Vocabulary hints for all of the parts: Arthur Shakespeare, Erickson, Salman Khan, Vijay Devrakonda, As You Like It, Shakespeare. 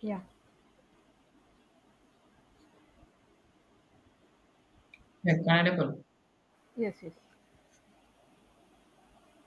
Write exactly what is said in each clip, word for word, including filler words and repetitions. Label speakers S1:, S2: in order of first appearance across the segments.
S1: Yeah.
S2: Yeah, Canada.
S1: Yes, yes.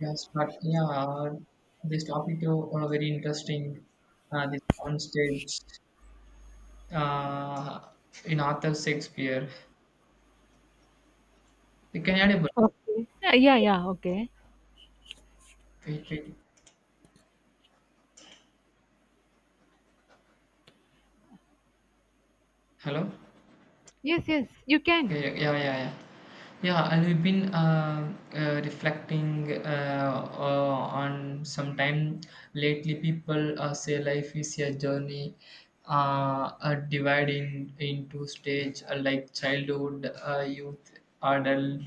S2: Yeah, start. Yeah, uh, this topic is uh, very interesting. Uh, this on stage uh, in Arthur Shakespeare. The Canada.
S1: Okay. Yeah, yeah, yeah, okay.
S2: Wait, wait. Hello.
S1: Yes, yes, you
S2: Yeah,
S1: can.
S2: yeah, yeah, yeah, yeah. Yeah, and we've been uh, uh, reflecting uh, uh, on some time lately. People uh, say life is a journey, uh, uh, divided in, into stage uh, like childhood, uh, youth, adult.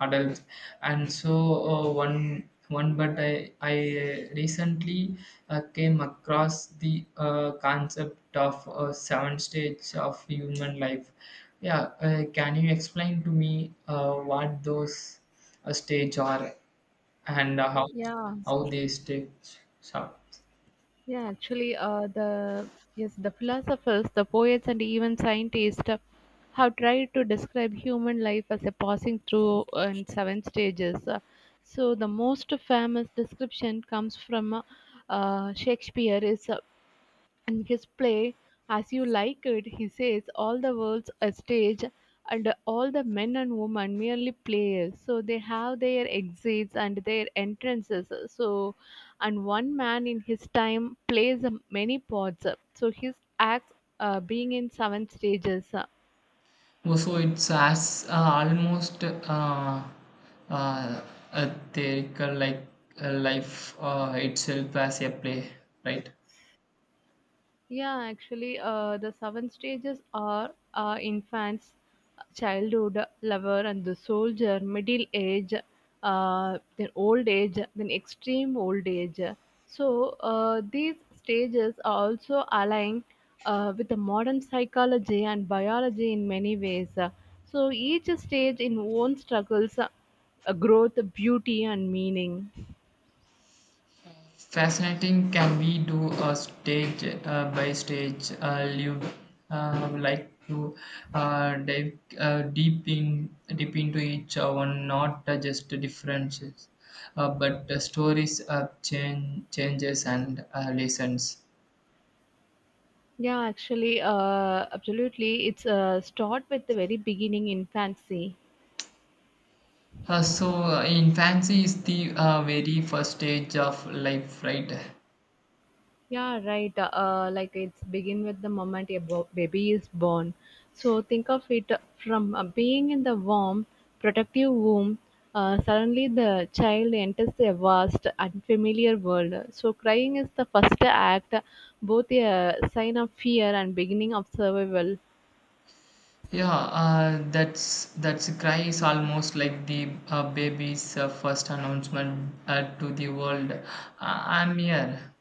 S2: adults, and so uh, one one, but i i uh, recently uh, came across the uh, concept of uh, seven stages of human life. Yeah, uh, can you explain to me uh, what those uh, stage are, and how
S1: Yeah,
S2: how
S1: yes.
S2: they stage are?
S1: yeah, actually, uh, the yes, the philosophers, the poets, and even scientists uh, have tried to describe human life as a passing through and seven stages. Uh, so the most famous description comes from uh, uh, Shakespeare is uh, in his play As You Like It. He says all the world's a stage and all the men and women merely players. So they have their exits and their entrances. So, and one man in his time plays many parts. So his acts uh, being in seven stages.
S2: Oh, so it's as uh, almost uh, uh, a theoretical, like uh, life uh, itself as a play, right?
S1: Yeah, actually, uh, the seven stages are uh, infants, childhood, lover, and the soldier, middle age, uh, then old age, then extreme old age. So, uh, these stages are also aligned uh, with the modern psychology and biology in many ways. So, each stage in own struggles, uh, growth, beauty, and meaning.
S2: Fascinating. Can we do a stage uh, by stage uh, live, uh, like to uh, dive uh, deep in deep into each one, not uh, just differences, uh, but the stories of change, changes and uh, lessons.
S1: Yeah, actually, uh, absolutely. It's uh, start with the very beginning infancy.
S2: Uh, so uh, infancy is the uh, very first stage of life, right?
S1: Yeah, right. Uh, uh, like it's begin with the moment a bo- baby is born. So think of it from uh, being in the warm, protective womb. Uh, suddenly, the child enters a vast, unfamiliar world. So crying is the first act, both a sign of fear and beginning of survival.
S2: Yeah, uh, that's that's cry is almost like the uh, baby's uh, first announcement uh, to the world. Uh, I'm here.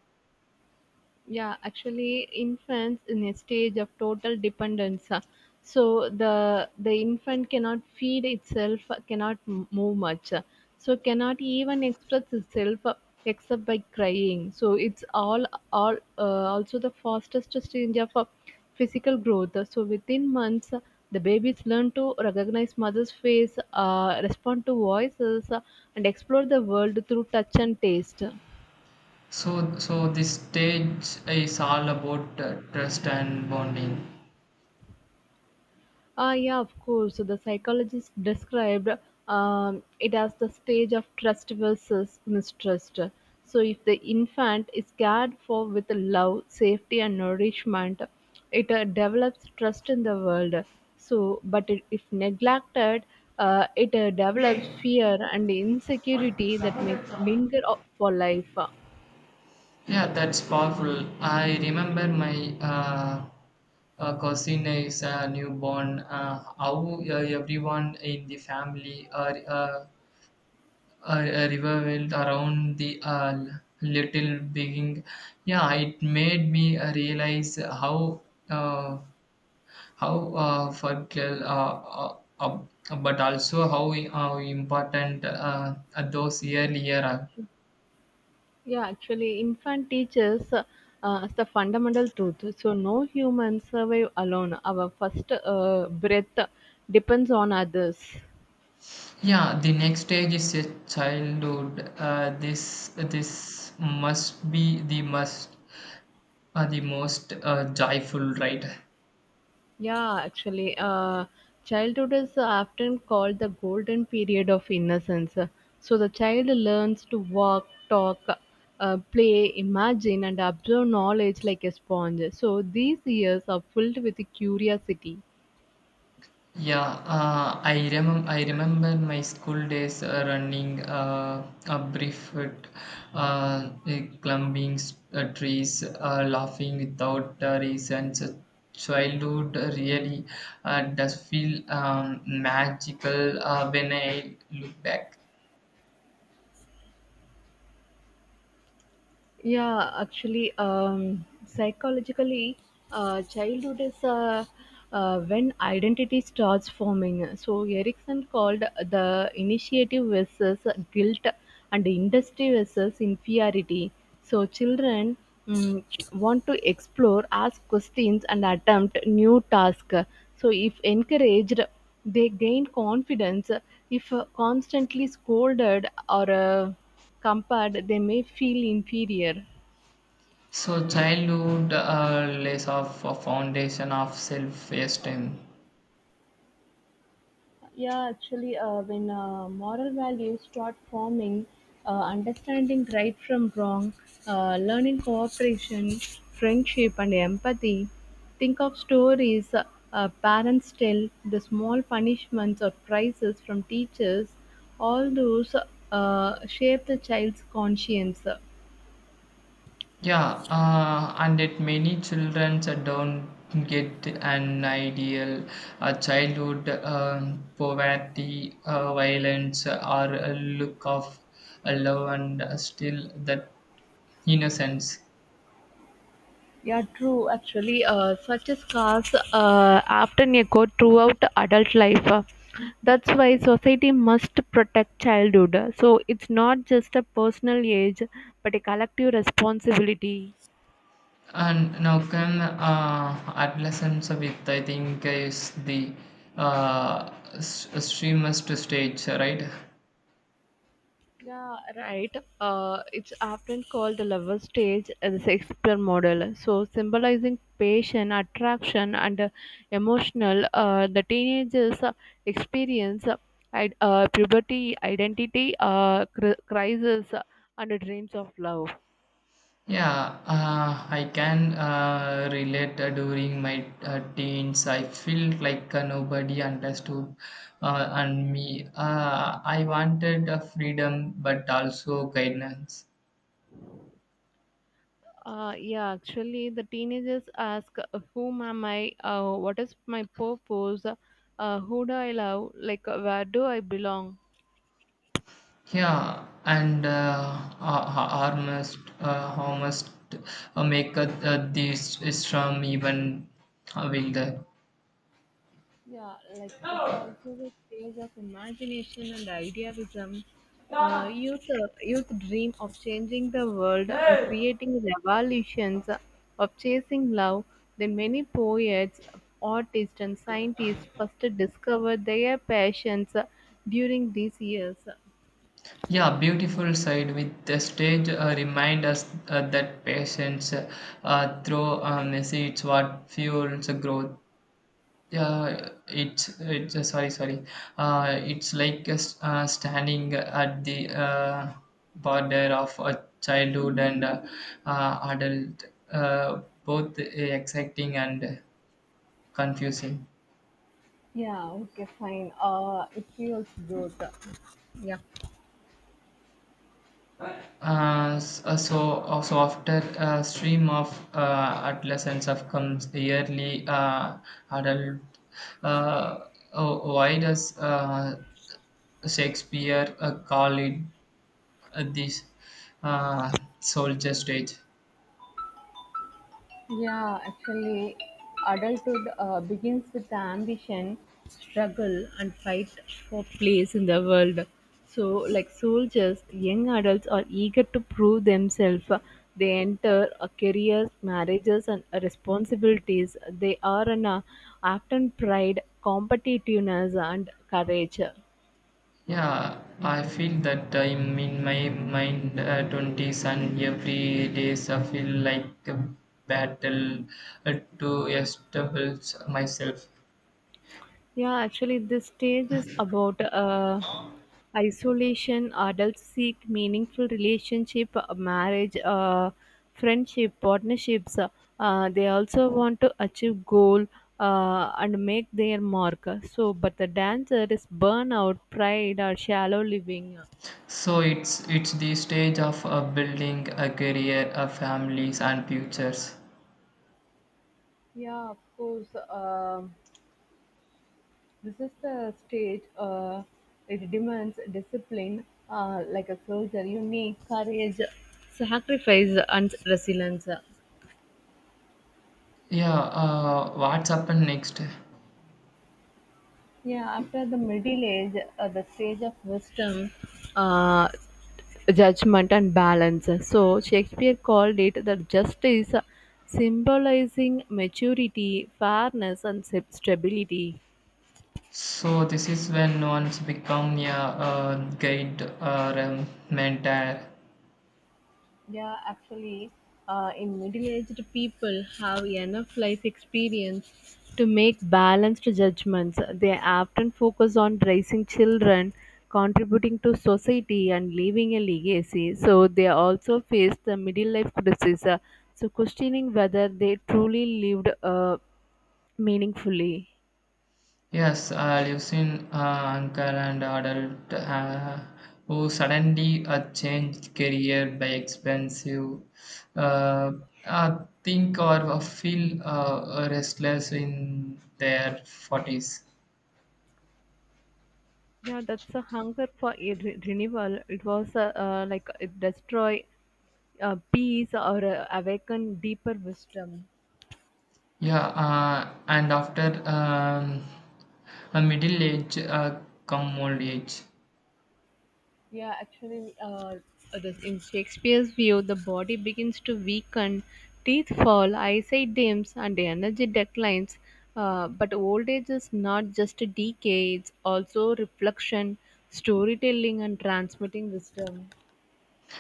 S1: yeah actually infants in a stage of total dependence, uh, so the the infant cannot feed itself, uh, cannot m- move much, uh, so cannot even express itself uh, except by crying. So it's all all uh, also the fastest stage of uh, physical growth. Uh, so within months, uh, the babies learn to recognize mother's face, uh, respond to voices, uh, and explore the world through touch and taste.
S2: So so this stage is all about uh, trust and bonding.
S1: Ah, yeah, of course. So the psychologist described um, it as the stage of trust versus mistrust. So if the infant is cared for with love, safety, and nourishment, it uh, develops trust in the world. So, but it, if neglected, uh, it uh, develops fear and insecurity that may linger o- for life.
S2: Yeah, that's powerful. I remember my uh, uh, cousin is a newborn. Uh, how uh, everyone in the family are. Uh, a, a river went around the uh, little being. Yeah, it made me uh, realize how uh, how uh, fragile, uh, uh, uh, but also how uh, important uh, those earlier are.
S1: Yeah, actually, infant teaches uh, us the fundamental truth. So, no human survive alone. Our first uh, breath depends on others.
S2: Yeah, the next stage is a childhood. uh, this this must be the must uh, the most uh, joyful, right?
S1: Yeah, actually, uh, Childhood is often called the golden period of innocence. So, the child learns to walk, talk, uh, play, imagine, and absorb knowledge like a sponge. So, these years are filled with curiosity.
S2: Yeah, uh, I remember. I remember my school days uh, running uh, a barefoot, uh, eh, climbing s- uh, trees, uh, laughing without uh, reason. So childhood really uh, does feel um, magical uh, when I look back.
S1: Yeah, actually, um, psychologically, uh, childhood is uh, uh, when identity starts forming. So Erickson called the initiative versus guilt and industry versus inferiority. So children mm, want to explore, ask questions, and attempt new tasks. So if encouraged, they gain confidence. If uh, constantly scolded or uh, compared, they may feel inferior.
S2: So childhood uh, lays off a foundation of self-esteem.
S1: Yeah, actually, uh, when uh, moral values start forming, uh, understanding right from wrong, uh, learning cooperation, friendship, and empathy. Think of stories uh, uh, parents tell, the small punishments or prizes from teachers, all those uh, shape the child's conscience.
S2: Yeah, uh, and it many children don't get an ideal uh, childhood. Um poverty, uh, violence, or a look of love and still that innocence.
S1: Yeah, true. Actually, uh, such a scars uh, often echo throughout adult life. Uh, That's why society must protect childhood. So it's not just a personal age, but a collective responsibility.
S2: And now can uh, adolescence with I think is the uh, s- extremist stage, right?
S1: Yeah, right. Uh, it's often called the lover stage as the Shakespeare model. So, symbolizing passion, attraction, and uh, emotional, uh, the teenagers uh, experience uh, id- uh, puberty, identity uh, cr- crisis, uh, and the dreams of love.
S2: Yeah, uh, I can uh, relate uh, during my uh, teens. I felt like uh, nobody understood uh, and me. Uh, I wanted uh, freedom but also guidance.
S1: Uh, yeah, actually, the teenagers ask, uh, "Whom am I? Uh, what is my purpose? Uh, who do I love? Like, uh, where do I belong?"
S2: Yeah, and uh, uh, almost, uh, almost uh, make uh, uh, this storm even uh, wilder.
S1: Yeah, like it's also the stage of imagination and idealism. Uh, youth, uh, youth dream of changing the world and creating revolutions, uh, of chasing love. Then many poets, artists, and scientists first discover their passions uh, during these years.
S2: Yeah, beautiful side with the stage uh, remind us uh, that patience uh, through uh, messy, it's what fuels growth. Yeah, it's it's uh, sorry, sorry. Uh, it's like uh, s- uh, standing at the uh, border of a childhood and uh, uh, adult, uh, both uh, exciting and confusing.
S1: Yeah, okay, fine. Uh, it feels good. Yeah.
S2: Uh, s- uh, so, uh, so after a stream of uh, adolescence of comes yearly uh, adult, uh, uh, why does uh, Shakespeare uh, call it uh, this uh, soldier stage?
S1: Yeah, actually, Adulthood uh, begins with the ambition, struggle, and fight for place in the world. So, like soldiers, young adults are eager to prove themselves. They enter uh, careers, marriages, and uh, responsibilities. They are an, uh, act on pride, competitiveness, and courage.
S2: Yeah, I feel that I'm in my mind uh, twenties, and every days I feel like a battle uh, to establish myself.
S1: Yeah, actually, this stage is about uh, isolation. Adults seek meaningful relationship, uh, marriage, uh, friendship, partnerships. Uh, they also want to achieve goal uh, and make their mark. So, but the dancer is burnout, pride, or shallow living.
S2: So it's it's the stage of uh, building a career, uh, families and futures.
S1: Yeah, of course. um This is the stage. Uh, it demands discipline, uh, like a soldier. You need courage, sacrifice, and resilience.
S2: Yeah, uh, what's happened next?
S1: Yeah, after the middle age, uh, the stage of wisdom, uh, judgment, and balance. So Shakespeare called it the justice, symbolizing maturity, fairness, and stab- stability.
S2: So this is when no one's become a uh, guide or um, mentor.
S1: Yeah, actually, uh, in middle-aged people have enough life experience to make balanced judgments. They often focus on raising children, contributing to society, and leaving a legacy. So they also face the middle-life criticism, so questioning whether they truly lived uh, meaningfully.
S2: Yes, I live in uh, uncle and adult uh, who suddenly uh, changed career by expensive. Uh, I think or feel uh, restless in their forties.
S1: Yeah, that's a hunger for a re- renewal. It was uh, uh, like it destroy uh, peace or uh, awaken deeper wisdom.
S2: Yeah, uh, and after um, a middle age, uh, come old age.
S1: Yeah, actually, uh, the- in Shakespeare's view, the body begins to weaken, teeth fall, eyesight dims, and the energy declines. Uh, but old age is not just a decay, it's also reflection, storytelling, and transmitting wisdom.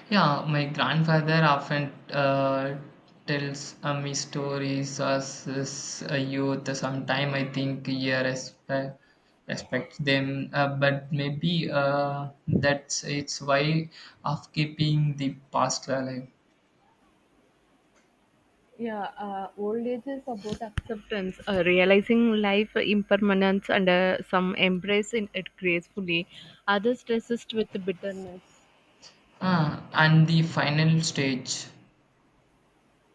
S2: Yeah, my grandfather often uh, tells uh, me stories as, as a youth. Sometime I think he respect, respects them, uh, but maybe uh, that's its way of keeping the past alive.
S1: Yeah, uh, Old age is about acceptance, uh, realizing life impermanence, and uh, some embrace in it gracefully. Others resist with bitterness.
S2: Ah, and the final stage.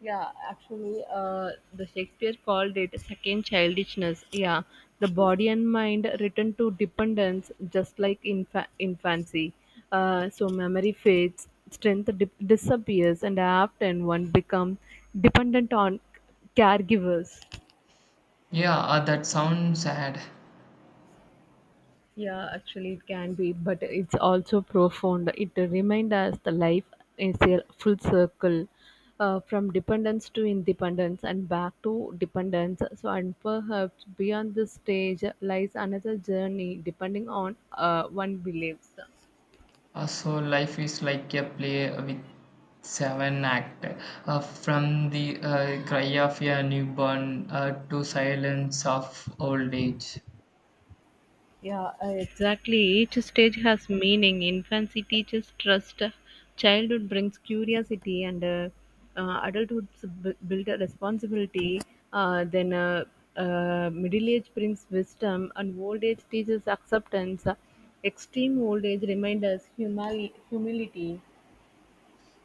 S1: Yeah, actually, uh, the Shakespeare called it second childishness. Yeah, the body and mind return to dependence, just like infa- infancy. Uh, so memory fades, strength dip disappears, and often one becomes dependent on caregivers.
S2: Yeah, uh, that sounds sad.
S1: Yeah, actually, it can be, but it's also profound. It reminds us the life is a full circle uh, from dependence to independence and back to dependence. So, and perhaps beyond this stage lies another journey depending on uh, one believes.
S2: Uh, so life is like a play with seven act, uh, from the uh, cry of a newborn uh, to silence of old age.
S1: Yeah, uh, exactly. Each stage has meaning. Infancy teaches trust, childhood brings curiosity, and uh, uh, adulthood b- build a responsibility. Uh, then uh, uh, middle age brings wisdom, and old age teaches acceptance. Extreme old age reminds us humali- humility.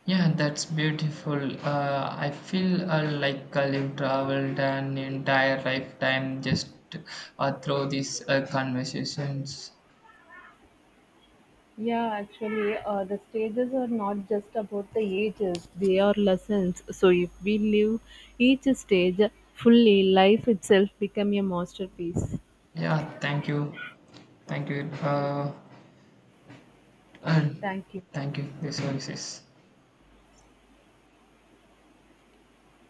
S2: Yeah, that's beautiful. uh, I feel uh, like I've traveled an entire lifetime just uh, through these uh, conversations.
S1: Yeah, actually, uh, the stages are not just about the ages, they are lessons. So, if we live each stage fully, life itself become a masterpiece.
S2: Yeah, thank you, thank you, uh, and
S1: Thank you.
S2: thank you this services.